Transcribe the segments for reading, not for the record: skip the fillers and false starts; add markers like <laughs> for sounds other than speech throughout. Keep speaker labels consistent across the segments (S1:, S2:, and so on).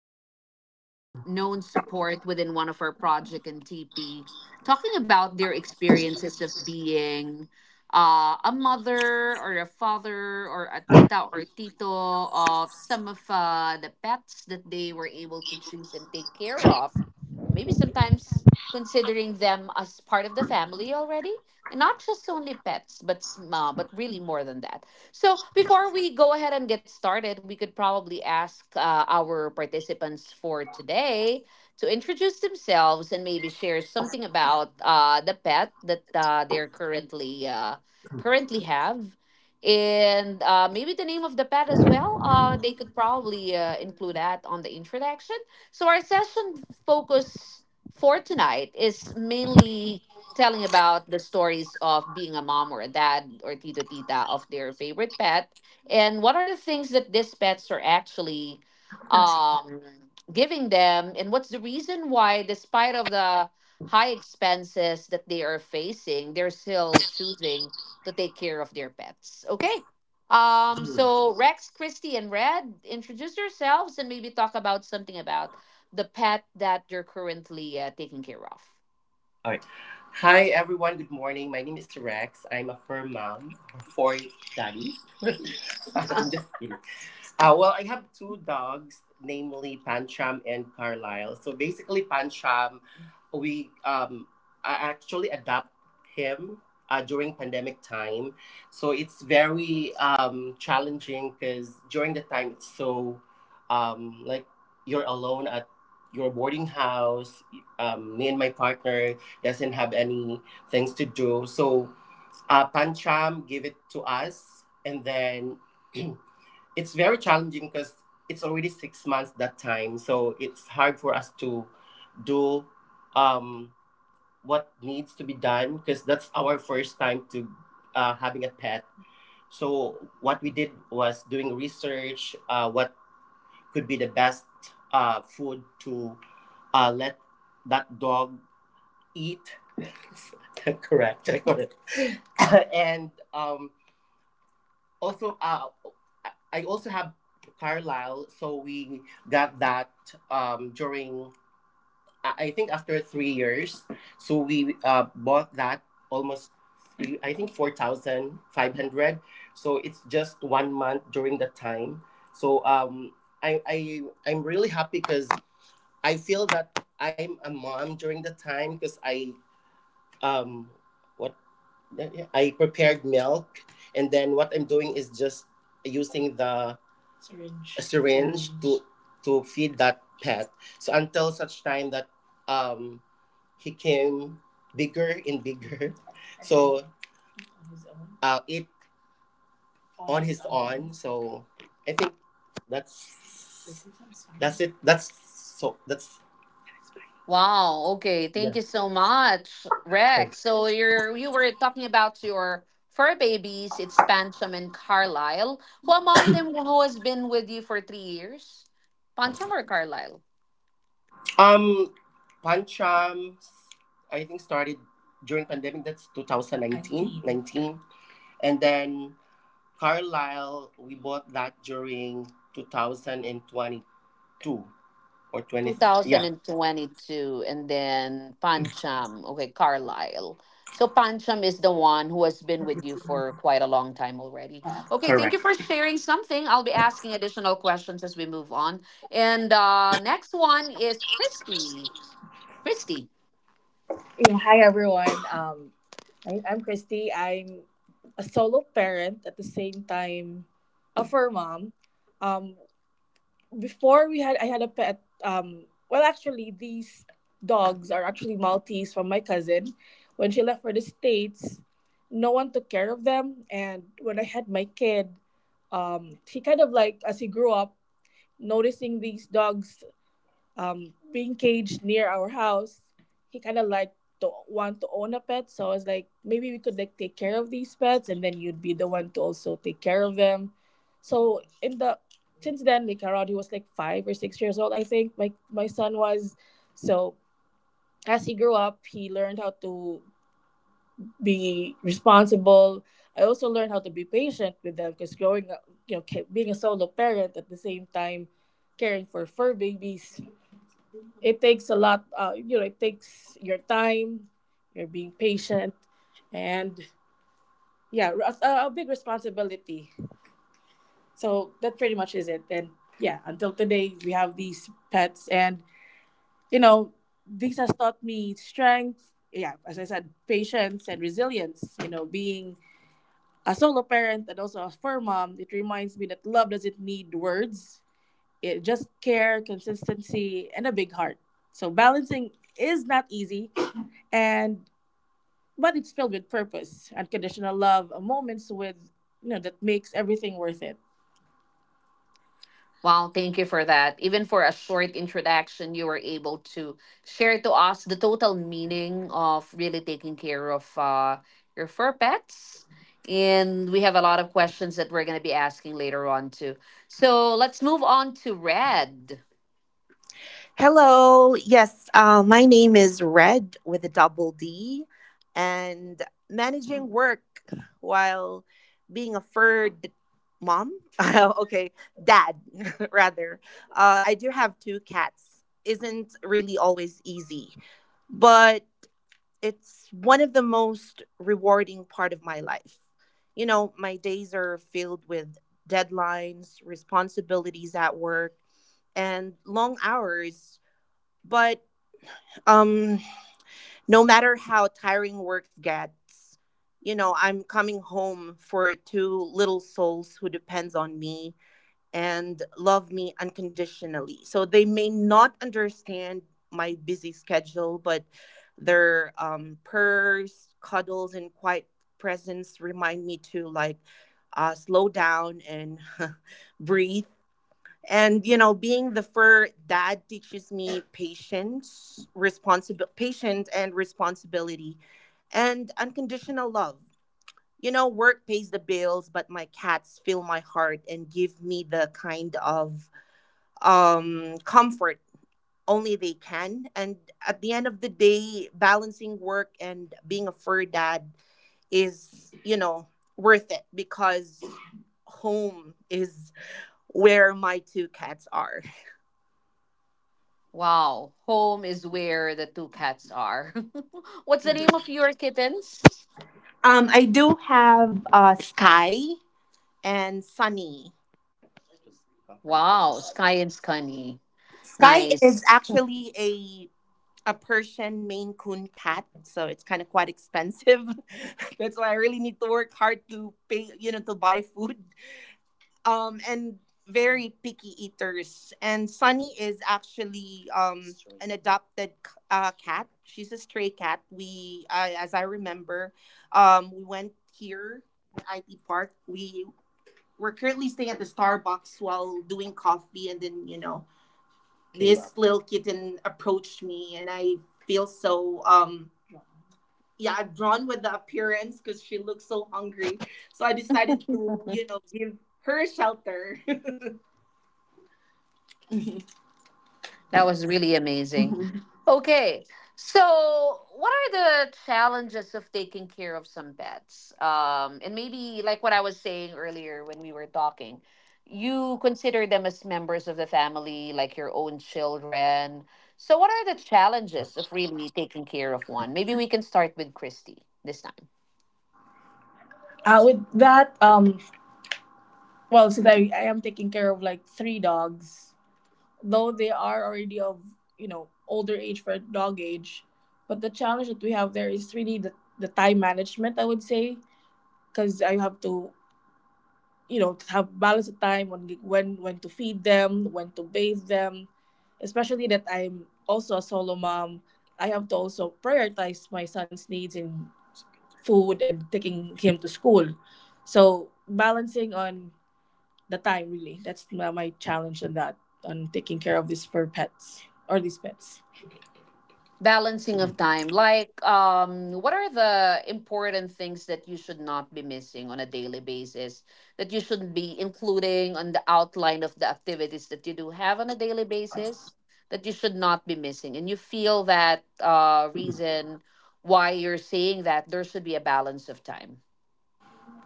S1: our known support within one of our project in TP, talking about their experiences of being a mother or a father or a tita or tito of some of the pets that they were able to choose and take care of, maybe sometimes considering them as part of the family already, and not just only pets but but really more than that. So before we go ahead and get started, we could probably ask our participants for today to introduce themselves and maybe share something about the pet that they're currently have, and maybe the name of the pet as well, they could probably include that on the introduction. So our session focus for tonight is mainly telling about the stories of being a mom or a dad or tito tita of their favorite pet, and what are the things that these pets are actually um giving them, and what's the reason why, despite of the high expenses that they are facing, they're still choosing to take care of their pets. Okay. So Rex, Christy, and Red, introduce yourselves and maybe talk about something about the pet that you're currently taking care of.
S2: right. Hi, everyone. Good morning. My name is Rex. I'm a firm mom of four daddies. <laughs> I'm just kidding. Well, I have two dogs, namely Pancham and Carlisle. So basically, Pancham, we I actually adopt him during pandemic time. So it's very challenging because during the time it's so like you're alone at your boarding house. Me and my partner doesn't have any things to do. So Pancham gave it to us, and then. <clears throat> It's very challenging because it's already 6 months that time, so it's hard for us to do um what needs to be done because that's our first time to having a pet. So what we did was doing research, what could be the best food to let that dog eat. <laughs> Correct. <laughs> and also I also have Carlisle, so we got that during I think after 3 years, so we bought that almost three, I think 4,500. So it's just one month during that time. So um I I I'm really happy because I feel that I'm a mom during the time because um what I prepared milk, and then what I'm doing is just using the Syringe. Syringe to feed that pet. So until such time that um he came bigger and bigger, <laughs> so it on his own. So I think that's that's it. That's so that's
S1: Wow. Okay. Thank
S2: Yes.
S1: you so much, Rex. So you were talking about your fur babies. It's Pancham and Carlisle. Who among them who has been with you for 3 years? Pancham or Carlisle?
S2: Um, Pancham, I think started during pandemic. That's 2019, 19, and then Carlisle, we bought that during 2022 or 20. Yeah,
S1: 2022 and then Pancham, okay, Carlisle. So Pancham is the one who has been with you for quite a long time already. Okay, thank you
S2: correct.
S1: for sharing something. I'll be asking additional questions as we move on. And next one is Christy. Christy.
S2: Yeah, hi everyone. I'm Christy. I'm a solo parent at the same time, a fur mom. Um, before we had I had a pet. Well, actually, these dogs are actually Maltese from my cousin. When she left for the States, no one took care of them, and when I had my kid, she kind of like as he grew up, noticing these dogs being caged near our house, he kind of like don't want to own a pet. So I was like, maybe we could like take care of these pets, and then you'd be the one to also take care of them. So in the since then, like around he was like 5 or 6 years old, I think my son was. So as he grew up, he learned how to be responsible. I also learned how to be patient with them because growing up, you know, being a solo parent at the same time, caring for fur babies it takes a lot, you know, it takes your time, you're being patient, and yeah, a big responsibility. So that pretty much is it. And yeah, until today, we have these pets, and you know, this has taught me strength. Yeah, as I said, patience and resilience. You know, being a solo parent and also a fur mom, it reminds me that love doesn't need words. It just care, consistency, and a big heart. So balancing is not easy, and but it's filled with purpose, unconditional love, moments with you know that makes everything worth it.
S1: Wow, thank you for that. Even for a short introduction, you were able to share to us the total meaning of really taking care of your fur pets. And we have a lot of questions that we're going to be asking later on, too. So let's move on to Red.
S2: Hello. Yes, my name is Red with a double D, and managing work while being a third mom. <laughs> Okay, dad <laughs> rather. I do have two cats. Isn't really always easy, but it's one of the most rewarding part of my life. You know, my days are filled with deadlines, responsibilities at work, and long hours. But um, no matter how tiring works gets, you know, I'm coming home for two little souls who depends on me and love me unconditionally. So they may not understand my busy schedule, but their purrs, cuddles, and quiet presence remind me to slow down and <laughs> breathe. And you know, being the fur dad teaches me patience, responsibility, patience, and responsibility, and unconditional love. You know, work pays the bills, but my cats fill my heart and give me the kind of comfort only they can. And at the end of the day, balancing work and being a fur dad is, you know, worth it because home is where my two cats are.
S1: Wow, home is where the two cats are. <laughs> What's the name of your kittens?
S2: I do have Sky and Sunny.
S1: Wow, Sky and Scunny.
S2: Sky is
S1: Nice.
S2: actually a Persian Maine Coon cat, so it's kind of quite expensive. <laughs> That's why I really need to work hard to pay, you know, to buy food. And Very picky eaters. And Sunny is actually an adopted cat. She's a stray cat. We, as I remember, we went here at IT Park. We we're currently staying at the Starbucks while doing coffee, and then you know this Yeah. Little kitten approached me and I feel so yeah drawn with the appearance because she looks so hungry so I decided to
S1: <laughs>
S2: you know give her shelter. <laughs>
S1: That was really amazing. Okay, so what are the challenges of taking care of some pets? And maybe like what I was saying earlier when we were talking, you consider them as members of the family, like your own children. So, what are the challenges of really taking care of one? Maybe we can start with Christy this time.
S2: With that, well, since I am taking care of like three dogs, though they are already of, you know, older age for dog age, but the challenge that we have there is really the time management, I would say, because I have to you know have balance of time on when to feed them when to bathe them especially that I'm also a solo mom I have to also prioritize my son's needs in food and taking him to school so balancing on the time really that's my challenge on that on taking care of these fur pets or these pets.
S1: Balancing of time. Like, what are the important things that you should not be missing on a daily basis that you should be including on the outline of the activities that you do have on a daily basis that you should not be missing? And you feel that reason why you're saying that there should be a balance of time.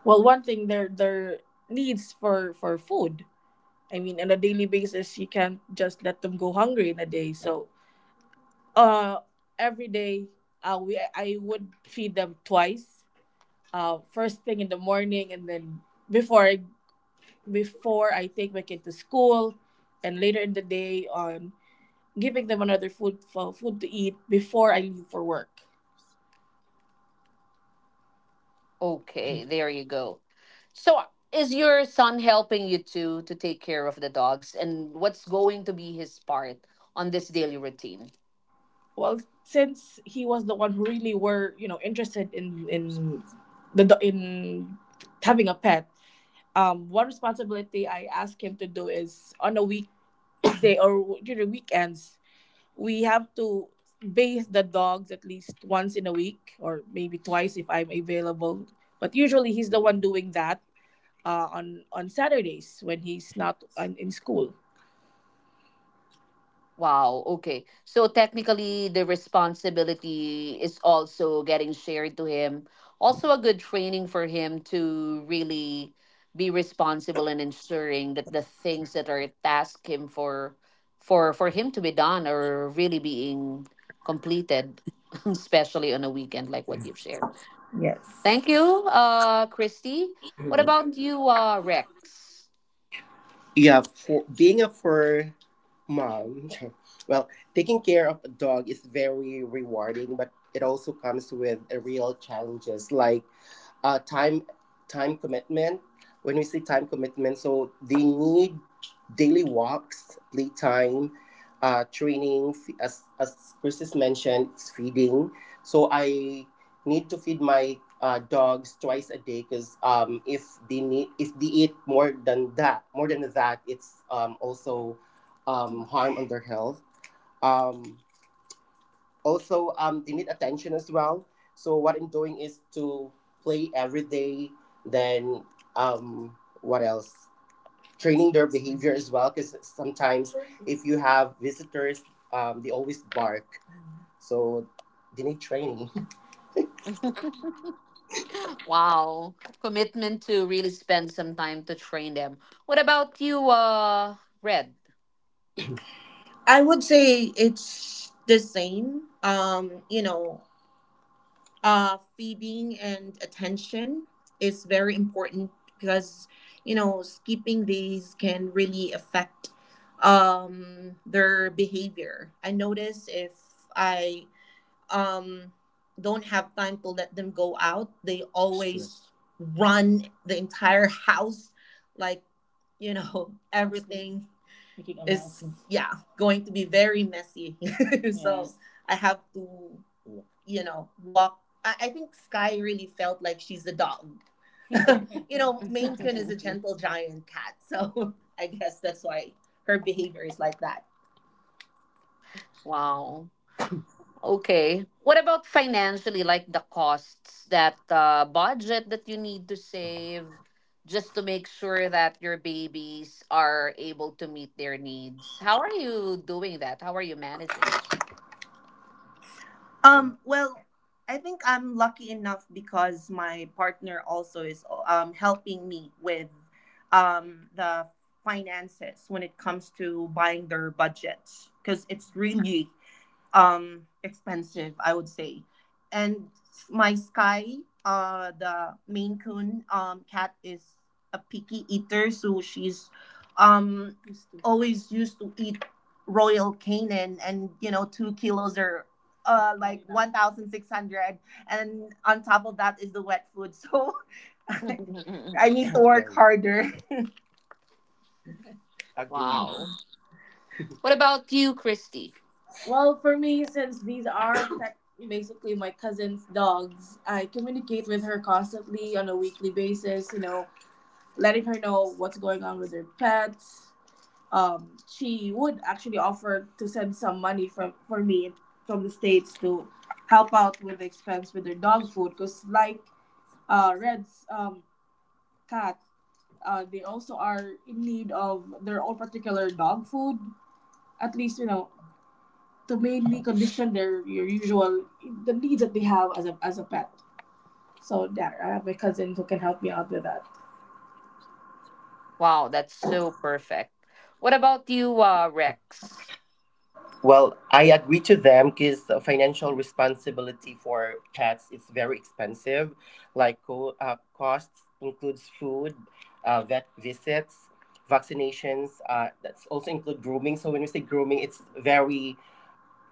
S2: Well, one thing their needs for food I mean on a daily basis you can't just let them go hungry in a day so Uh, every day, we I would feed them twice. First thing in the morning, and then before I, before I take my kid to school, and later in the day on giving them another food for food to eat before I leave for work.
S1: Okay, there you go. So, is your son helping you to take care of the dogs, and what's going to be his part on this daily routine?
S2: Well, since he was the one who really were you know interested in the do- in having a pet, one responsibility I ask him to do is on a weekday <coughs> or during weekends we have to bathe the dogs at least once in a week or maybe twice if I'm available. But usually he's the one doing that on Saturdays when he's not in school.
S1: Wow, okay. So technically, the responsibility is also getting shared to him. Also, a good training for him to really be responsible and ensuring that the things that are tasked him for him to be done are really being completed, <laughs> especially on a weekend like what you've shared. Thank you, Christy. What about you, Rex?
S2: Yeah, for being a fur mom, <laughs> well, taking care of a dog is very rewarding, but it also comes with real challenges like uh, time time commitment. When we say time commitment, so they need daily walks, playtime, training. As Chris has mentioned, it's feeding. So I need to feed my dogs twice a day because if they eat more than that, it's also harm on their health. Um, also They need attention as well so what I'm doing is to play every day then um what else training their behavior as well because sometimes if you have visitors they always bark so they need training.
S1: <laughs> Wow. Commitment to really spend some time to train them. What about you, Red?
S2: I would say it's the same. You know, feeding and attention is very important because you know skipping these can really affect their behavior. I notice if I um, don't have time to let them go out, they Sure. always run the entire <laughs> house, like you know <laughs> everything Making a mess. Is yeah going to be very messy. <laughs> So yes. I have to you know, walk. I think Sky really felt like she's the dog. <laughs> You know, Maine Coon is a
S1: <laughs>
S2: gentle giant cat, so <laughs> I guess that's why her behavior is like that.
S1: Wow. Okay. What about financially, like the costs, that budget that you need to save just to make sure that your babies are able to meet their needs? How are you doing that? How are you managing it?
S2: Well, I think I'm lucky enough because my partner also is helping me with the finances when it comes to buying their budgets because it's really expensive I would say and my sky the main coon cat is a picky eater so she's um always used to eat royal canin and you know 2 kilos are, 1600 and on top of that is the wet food so <laughs>
S1: <laughs>
S2: I need to work Okay, harder <laughs> agree.
S1: Wow. What about you, Christy?
S2: Well, for me, since these are basically my cousin's dogs, I communicate with her constantly on a weekly basis, you know, letting her know what's going on with her pets. She would actually offer to send some money from for me from the States to help out with the expense with their dog food because, like Red's cat, they also are in need of their own particular dog food. At least, you know, to mainly condition their your usual the needs that they have as a pet. So yeah, I have my cousins who can help me out with that.
S1: Wow, that's so perfect. What about you, Rex? <laughs>
S2: Well, I agree to them because the financial responsibility for pets is very expensive. Like costs includes food, vet visits, vaccinations. That's also include grooming. So when we say grooming, it's very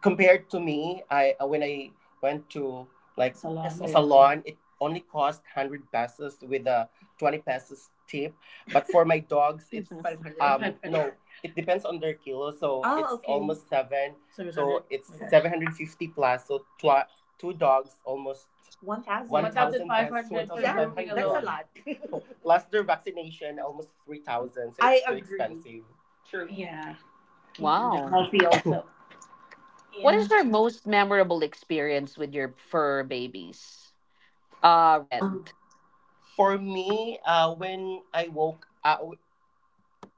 S2: compared to me, I when I went to like a Yeah, salon, it only cost 100 pesos with a 20 pesos tip. But for my dogs, it's <laughs>
S1: Mhm.
S2: 500. No, it depends on their kilo, so ah, it's okay, almost 700. So it's okay, 750 plus. So two dogs almost 1,000. One thousand pesos, 1,500 for yeah, five, that's a lot. <laughs> Plus their vaccination, almost 3,000. So I it's too agree expensive. True. Yeah, keeping them
S1: Wow.
S2: healthy also.
S1: What
S2: Yeah.
S1: is your most memorable experience with your fur babies?
S2: Um.
S1: Red.
S2: For me, when I woke up,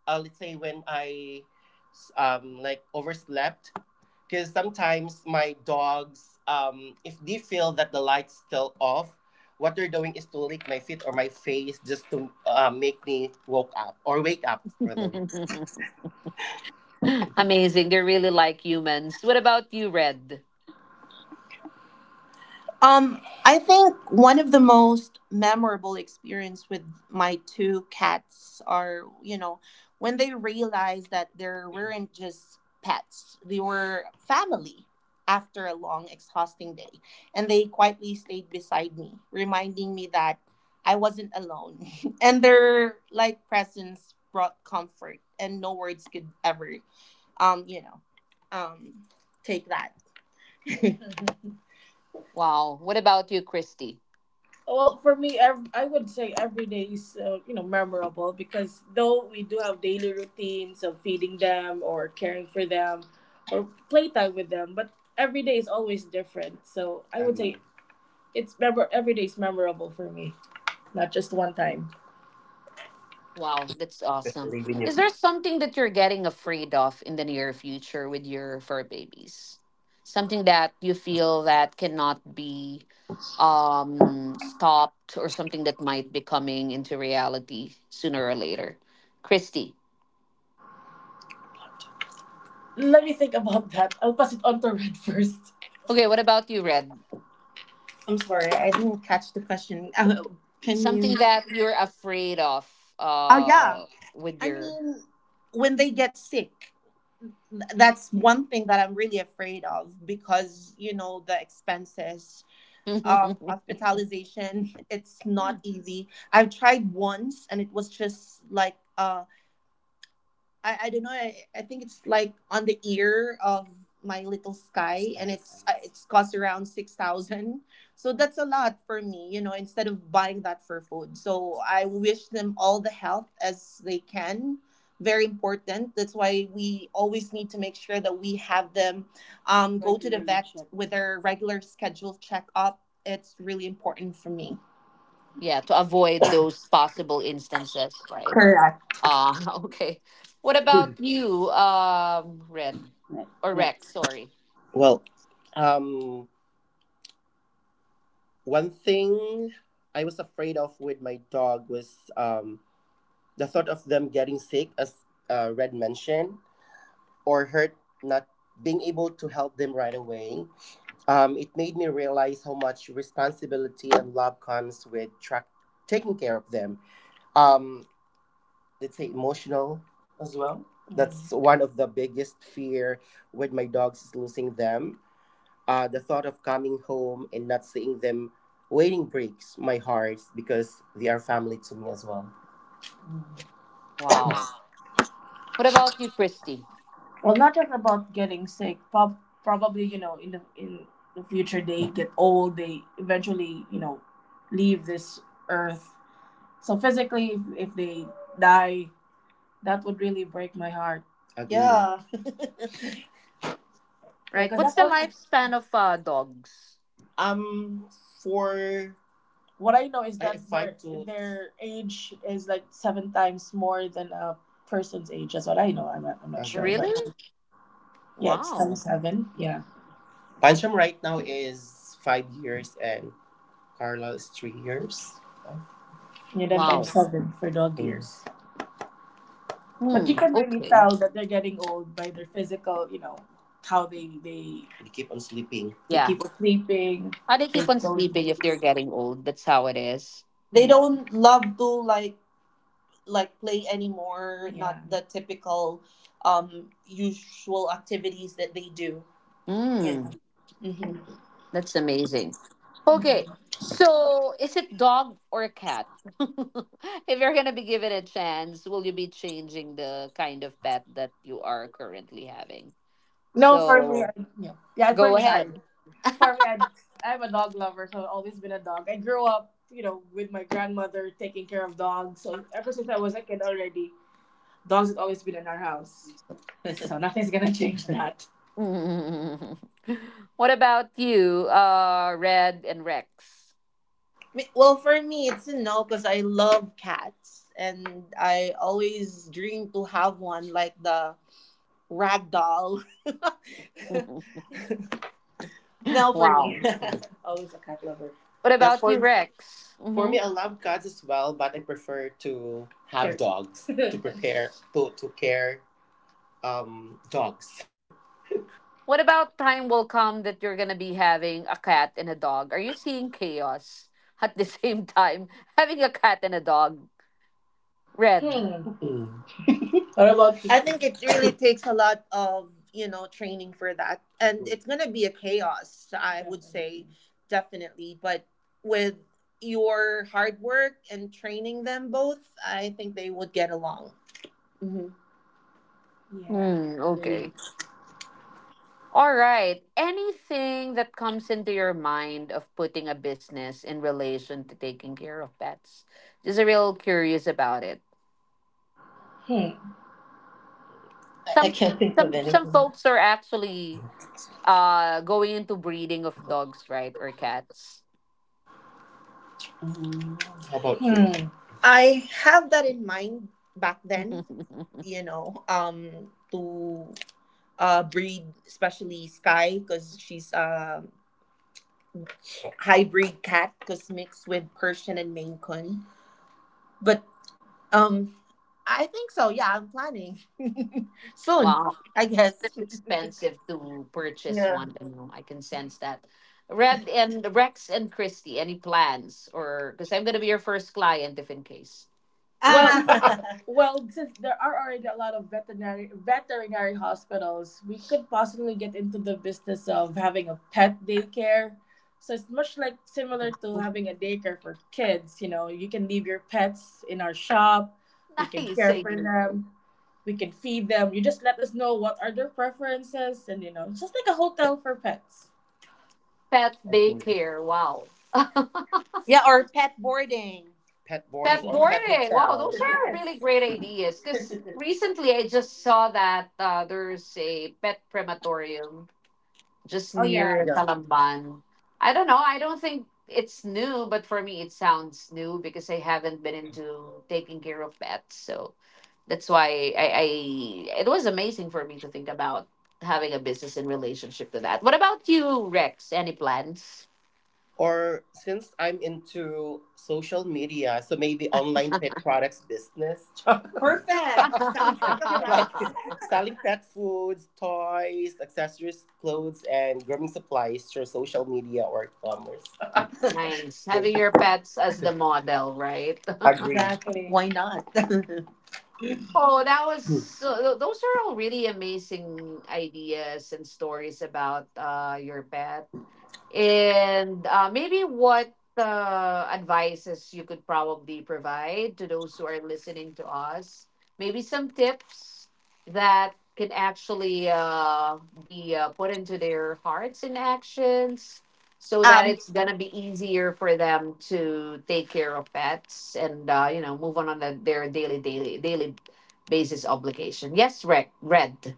S2: let's say when I like overslept, because sometimes my dogs, if they feel that the light's still off, what they're doing is to lick my feet or my face just to make me woke up, or wake up rather.
S1: <laughs> Amazing. They're really like humans. What about you, Red?
S2: Um, I think one of the most memorable experience with my two cats are, you know, when they realized that they weren't just pets, they were family after a long, exhausting day. And they quietly stayed beside me, reminding me that I wasn't alone. <laughs> And their like presence brought comfort and no words could ever um, you know, um take that. <laughs>
S1: Wow. What about you, Christy?
S2: Well, for me, I would say every day is memorable because though we do have daily routines of feeding them or caring for them or playtime with them, but every day is always different. So I would say, agree, it's memor every day is memorable for me, not just one time.
S1: Wow, that's awesome.
S2: Especially when you.
S1: Is there something that you're getting afraid of in the near future with your fur babies? Something that you feel that cannot be stopped, or something that might be coming into reality sooner or later. Christy.
S2: Let me think about that. I'll pass it on to Red <laughs> first.
S1: Okay, what about you, Red?
S2: I'm sorry, I didn't catch the question. Can you?
S1: Something that you're afraid of
S2: Oh yeah.
S1: uh with
S2: I
S1: your.
S2: mean, when they get sick, that's one thing that I'm really afraid of because you know the expenses,
S1: <laughs>
S2: hospitalization. <laughs> It's not easy. I've tried once, and it was just like a I don't know. I think it's like on the ear of my little Sky, and it's cost around 6,000. So that's a lot for me, you know. Instead of buying that for food, so I wish them all the health as they can. Very important. That's why we always need to make sure that we have them go to the vet with their regular scheduled checkup. It's really important for me.
S1: Yeah, to avoid those possible instances, right?
S2: Correct.
S1: Ah, <laughs> okay. What about you, Red or Rex? Sorry.
S2: Well, um, one thing I was afraid of with my dog was the thought of them getting sick, as Red mentioned, or hurt, not being able to help them right away. It made me realize how much responsibility and love comes with track taking care of them. Um, let's say emotional as well. That's one of the biggest fear with my dogs is losing them. The thought of coming home and not seeing them waiting breaks my heart because they are family to me as well.
S1: Wow. What about you, Christy?
S2: Well, not just about getting sick. Probably, you know, in the future they get old. They eventually, you know, leave this earth. So physically, if they die, that would really break my heart. Agree. Yeah. Yeah,
S1: Right.
S2: because
S1: What's
S2: that
S1: the
S2: only.
S1: lifespan of dogs?
S2: Um. For. What I know is that their, their age is like seven times more than a person's age. That's what I know. I'm not okay sure,
S1: Really?
S2: but yeah, it's
S1: Wow.
S2: times seven. Yeah. Pancham right now is 5 years and Carla is 3 years. Yeah, then times
S1: Wow.
S2: seven for dog, mm, years. But you
S1: Hmm.
S2: can really
S1: Okay.
S2: tell that they're getting old by their physical, you know, how they keep on sleeping, they
S1: Yeah.
S2: keep on sleeping.
S1: How they
S2: They
S1: keep on
S2: don't.
S1: sleeping if they're getting old? That's how it is.
S2: They don't love to like play anymore, yeah, not the typical usual activities that they do, you
S1: Hmm.
S2: know. Mm-hmm.
S1: That's amazing. Okay, so is it dog or cat? <laughs> If you're gonna be given a chance, will you be changing the kind of pet that you are currently having?
S2: No, for me,
S1: So
S2: yeah, yeah, for
S1: go
S2: me, sorry.
S1: ahead.
S2: For me, I'm a dog lover, so I've always been a dog. I grew up, you know, with my grandmother taking care of dogs. So ever since I was a kid already, dogs have always been in our house. <laughs> So nothing's gonna change that.
S1: <laughs> What about you, Red and Rex?
S2: Well, for me, it's a no because I love cats and I always dream to have one like the Ragdoll. <laughs>
S1: <laughs>
S2: No, for me,
S1: Wow.
S2: <laughs> always a cat lover.
S1: What
S2: Yeah,
S1: about you, Rex?
S2: for me, I love cats as well, but I prefer to have, sure, dogs <laughs> to prepare to care dogs. <laughs>
S1: What about time will come that you're gonna be having a cat and a dog? Are you seeing chaos at the same time? <laughs> Having a cat and a dog.
S2: Hmm.
S1: Red.
S2: Mm. What about you? I think it really takes a lot of, you know, training for that, and mhm, it's gonna be a chaos. I would say definitely, but with your hard work and training them both, I think they would get along. Hmm. Yeah.
S1: Hmm, okay. All right. Anything that comes into your mind of putting a business in relation to taking care of pets? Just a real curious about it.
S2: Hmm. I
S1: Some
S2: can't think of
S1: some
S2: anything.
S1: folks are actually going into breeding of dogs, right? Or cats.
S2: How about you? Hmm. I have that in mind back then,
S1: <laughs>
S2: you know, to breed, especially Sky, because she's a hybrid cat, because mixed with Persian and Maine Coon. But um, I think so. Yeah, I'm planning <laughs> soon,
S1: Wow.
S2: I
S1: It's still
S2: guess.
S1: expensive to purchase
S2: Yeah.
S1: one. I know. I can sense that. Red and Rex and Christy, any plans? Or because I'm gonna be your first client if in case.
S2: Well, <laughs> well, since there are already a lot of veterinary hospitals, we could possibly get into the business of having a pet daycare. So it's much like similar to having a daycare for kids. You know, you can leave your pets in our shop.
S1: <laughs>
S2: We can
S1: Nice
S2: care for
S1: idea.
S2: them. We can feed them. You just let us know what are their preferences, and you know, just like a hotel for pets.
S1: Pet
S2: Okay.
S1: daycare. Wow.
S2: Yeah, or pet boarding. Pet
S1: Pet
S2: boarding or <laughs> pet
S1: boarding. Wow,
S2: hotel.
S1: those are
S2: Yes.
S1: really great ideas. Because recently I just saw that there's a pet crematorium just
S2: Oh yeah.
S1: near
S2: Yeah.
S1: Talamban. I don't know. I don't think it's new, but for me, it sounds new because I haven't been into taking care of pets. So that's why I it was amazing for me to think about having a business in relationship to that. What about you, Rex? Any plans?
S2: Or since I'm into social media, so maybe online pet products business. <laughs> Perfect. Sounds like a <laughs> plan. Like
S1: <laughs>
S2: selling pet foods, toys, accessories, clothes, and grooming supplies through social media or commerce.
S1: Nice. Having
S2: Agree.
S1: your pets as the model, right? <laughs>
S2: Exactly. Why not? <laughs> Um,
S1: Oh, that was so, those are all really amazing ideas and stories about your pets. And maybe what advices you could probably provide to those who are listening to us? Maybe some tips that can actually be put into their hearts and actions so that
S2: I,
S1: it's going to be easier for them to take care of pets, and move on their daily daily daily basis obligation. Yes, Rick, Red.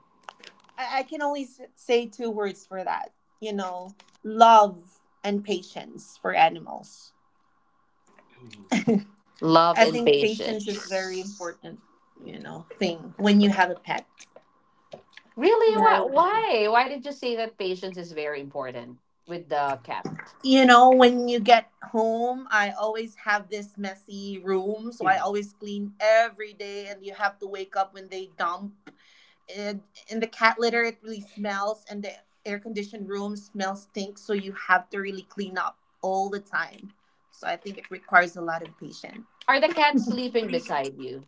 S2: I can only say two words for that. You know, love and patience for animals.
S1: Love
S2: I
S1: and
S2: think patience is
S1: patience.
S2: very important. You know, thing when you have a pet.
S1: Really?
S2: Yeah.
S1: Why? Why? Why did you say that patience is very important with the cat?
S2: You know, when you get home, I always have this messy room, so I always clean every day and you have to wake up when they dump and in the cat litter it really smells and the air conditioned room smells stinks, so you have to really clean up all the time. So I think it requires a lot of patience.
S1: Are the cats sleeping beside you?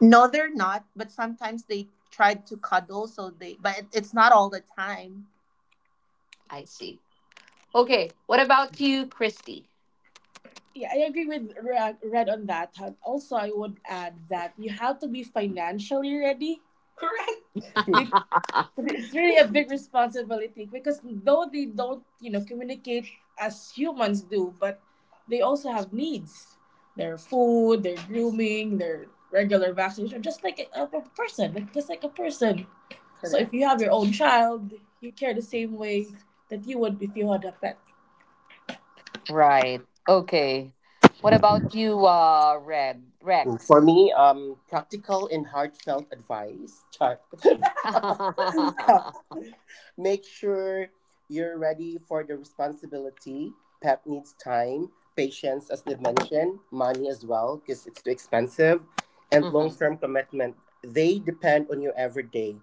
S2: No, they're not, but sometimes they try to cuddle, so they but it's not all the time.
S1: I see. Okay. What about you, Christy?
S2: Yeah, I agree with Red on that. And also, I would add that you have to be financially ready. Correct. <laughs> Because it's really a big responsibility. Because though they don't, you know, communicate as humans do, but they also have needs. Their food, their grooming, their regular vaccination, just like a person, like just like a person. So if, correct, you have your own child, you care the same way that you would if you had a pet.
S1: Right. Okay. What about you, Red
S2: Mm, for
S1: Rex?
S2: me, practical and heartfelt advice. Char. <laughs>
S1: <laughs>
S2: Make sure you're ready for the responsibility. Pet needs time, patience, as they mentioned, money as well, because it's too expensive, and long
S1: Hmm.
S2: term commitment. They depend on you every day.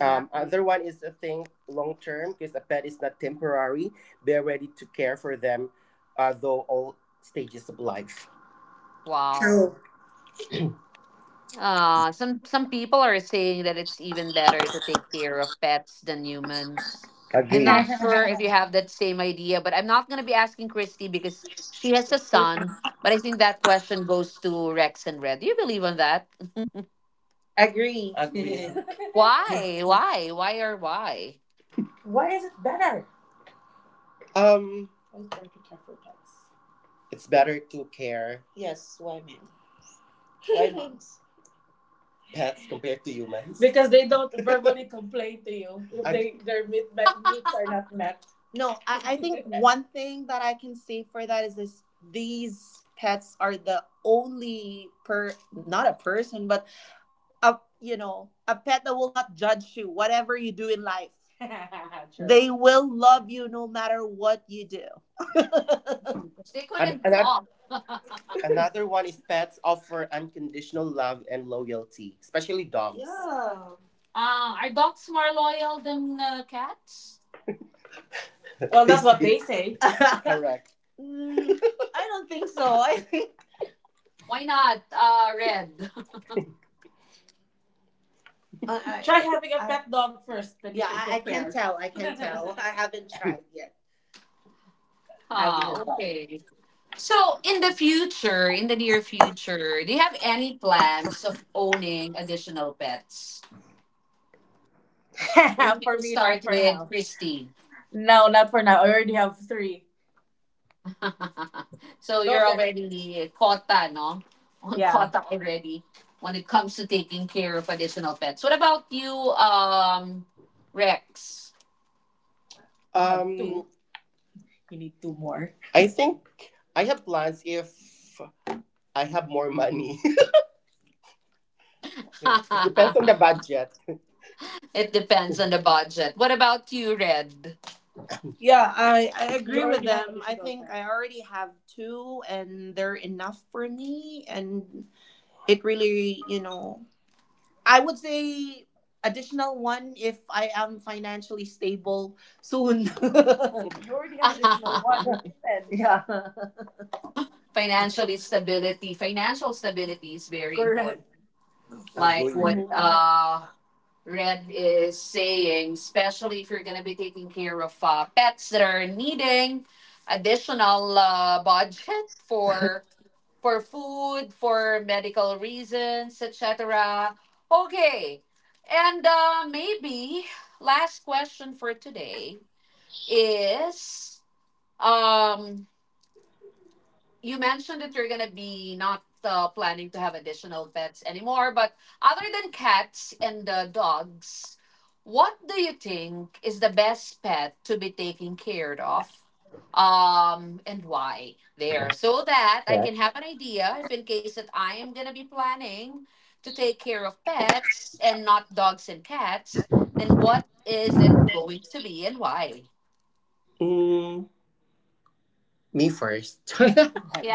S2: Exactly, other one is a thing long term because a pet is not temporary. Be ready to care for them, though all stages of life.
S1: Wow. Some people are saying that it's even better to take care of pets than humans. I'm
S2: Agree. <laughs>
S1: not sure if you have that same idea, but I'm not gonna be asking Christy because she has a son. But I think that question goes to Rex and Red. Do you believe in that?
S2: Agree. Agree.
S1: Why? Why? Why or why?
S2: <laughs> Why is it better? Um, why is it better to care for pets? It's better to care, yes, why men? Why dogs? <laughs> Pets compared to humans. Because they don't verbally <laughs> complain to you <laughs> if their meats are not met. No, I think <laughs> one thing that I can say for that is this these pets are the only per not a person but a, you know, a pet that will not judge you whatever you do in life. Sure. They will love you no matter what you do.
S1: They
S2: And
S1: couldn't
S2: another,
S1: talk. <laughs> uh,
S2: <laughs> another one is pets offer unconditional love and loyalty, especially dogs. Yeah.
S1: are dogs more loyal than cats?
S2: Well, <laughs> that's what they say. <laughs> Correct. Mm, I don't think so. I <laughs> think.
S1: Why not? Red. <laughs>
S2: Try having a pet dog first. Then yeah, I can't tell. I can't <laughs> tell. I haven't tried yet having
S1: Ah,
S2: a dog.
S1: okay. So, in the future, in the near future, do you have any plans of owning additional pets? Maybe
S2: <laughs>
S1: we
S2: For
S1: can
S2: me, not
S1: start
S2: for
S1: with
S2: now.
S1: Christine.
S2: No, not for now. I already have three.
S1: <laughs> So,
S2: No,
S1: you're
S2: there.
S1: already quota, no? <laughs> On
S2: Yeah.
S1: quota already when it comes to taking care of additional pets. What about you, Rex?
S2: Um, you need two more. I think I have plans if I have more money.
S1: <laughs>
S2: <laughs> Yeah. It depends on the budget.
S1: It depends on the budget. What about you, Red?
S2: Yeah, I agree with them. I think I already have two and they're enough for me and it really, you know, I would say additional one if I am financially stable soon. <laughs> You already have additional
S1: <laughs>
S2: one. <laughs> Yeah.
S1: Financially stability. Financial stability is very important.
S2: Correct.
S1: Like
S2: Agree.
S1: what
S2: Mhm.
S1: Red is saying, especially if you're going to be taking care of pets that are needing additional budget for for food, for medical reasons, etc. Okay, and maybe last question for today is. Um, you mentioned that you're gonna be not planning to have additional pets anymore, but other than cats and dogs, what do you think is the best pet to be taking care of? And why? There, so that I can have an idea if in case that I am gonna be planning to take care of pets and not dogs and cats, then what is it going to be and why?
S2: Mm, me first. <laughs> Okay,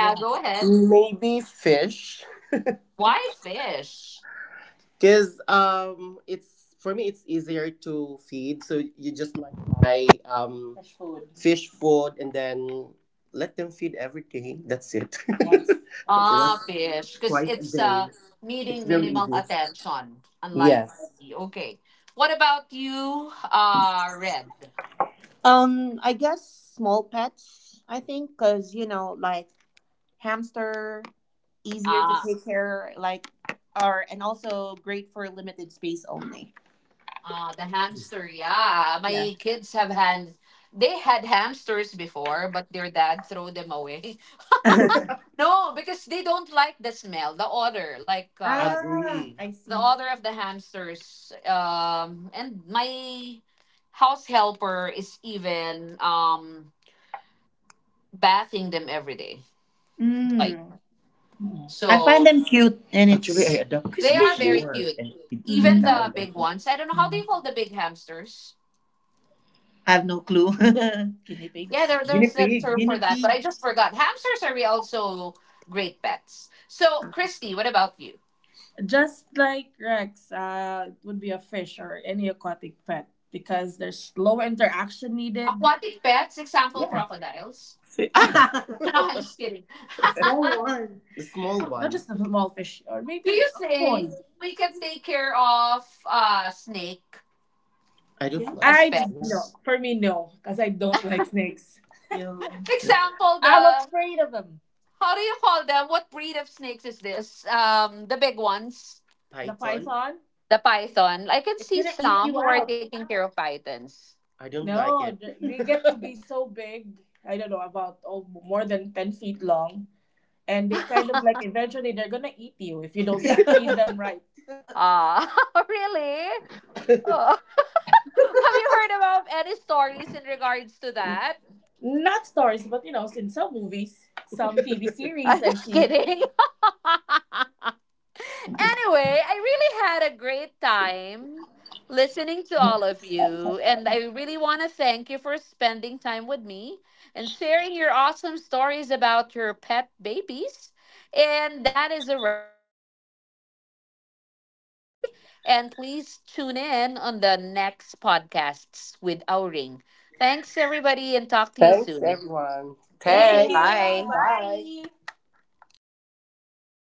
S2: go ahead.
S1: go ahead.
S2: Maybe fish.
S1: Why fish?
S2: Because it's for me, it's easier to feed. So you just like buy fresh food, fish food and then let them feed everything. That's it. Once. <laughs> Once,
S1: Ah, fish. Because
S2: twice a
S1: it's
S2: day. It's
S1: needing
S2: very
S1: minimal
S2: easy.
S1: attention. Unlike
S2: Yes.
S1: me. Okay. What about you, Red?
S2: I guess small pets. I think because you know, like hamster, easier to
S1: Ah,
S2: take care, like, or and also great for limited space only.
S1: ah, the hamster. Yeah.
S2: Yeah.
S1: My kids have had, they had hamsters before, but their dad threw them away. <laughs> No, because they don't like the smell, the odor. Like
S2: Ah, agree. I
S1: the
S2: see.
S1: odor of the hamsters. And my house helper is even bathing them every day. Like.
S2: Mm. I find
S1: So
S2: them cute and, actually, I it's adopted
S1: they are
S2: squishy.
S1: very
S2: Before
S1: cute.
S2: and he mm,
S1: Even the
S2: died, I
S1: big
S2: think.
S1: ones. I don't know how do you call the big hamsters.
S2: I have no clue. <laughs> Guinea
S1: Yeah,
S2: pigs. Guinea
S1: there's a
S2: pig.
S1: term for
S2: Guinea
S1: that, but
S2: pig.
S1: I just forgot. Hamsters are also great pets. So, Christy, what about you?
S2: Just like Rex, it would be a fish or any aquatic pet because there's low interaction needed.
S1: Aquatic pets, example
S2: Yeah.
S1: crocodiles. <laughs>
S2: <laughs> <laughs>
S1: No, I'm just kidding.
S2: Small one. The small, not one, just a small fish or
S1: <laughs> Do
S2: maybe
S1: you
S2: a koi.
S1: think we can take care of snake
S2: I don't, yeah, like,
S1: as
S2: I, yeah, no.
S1: pets?
S2: For me no, because I don't like snakes. Yeah.
S1: Example,
S2: I'm
S1: the
S2: afraid of them.
S1: how do you call them? What breed of snakes is this? The big ones.
S2: Python? The Python?
S1: The python. I can see some who are taking care of pythons.
S2: I don't, no, like it. <laughs> They get to be so <laughs> big. I don't know about oh, more than 10 feet long, and they kind of like eventually they're gonna eat you if you don't <laughs> feed them right.
S1: Ah, <laughs> really? Oh. <laughs> Have you heard about any stories in regards to that?
S2: Not stories, but you know, in some movies, some TV
S1: <laughs>
S2: series
S1: I'm
S2: I've
S1: just
S2: seen.
S1: kidding. <laughs> Anyway, I really had a great time listening to all of you. And I really want to thank you for spending time with me and sharing your awesome stories about your pet babies. And that is a wrap for our podcast for today. And please tune in on the next podcasts with Auring. Thanks, everybody, and talk to you
S2: Thanks,
S1: soon.
S2: everyone. Thank Thanks. Thank you.
S1: Bye.
S2: Bye. Bye.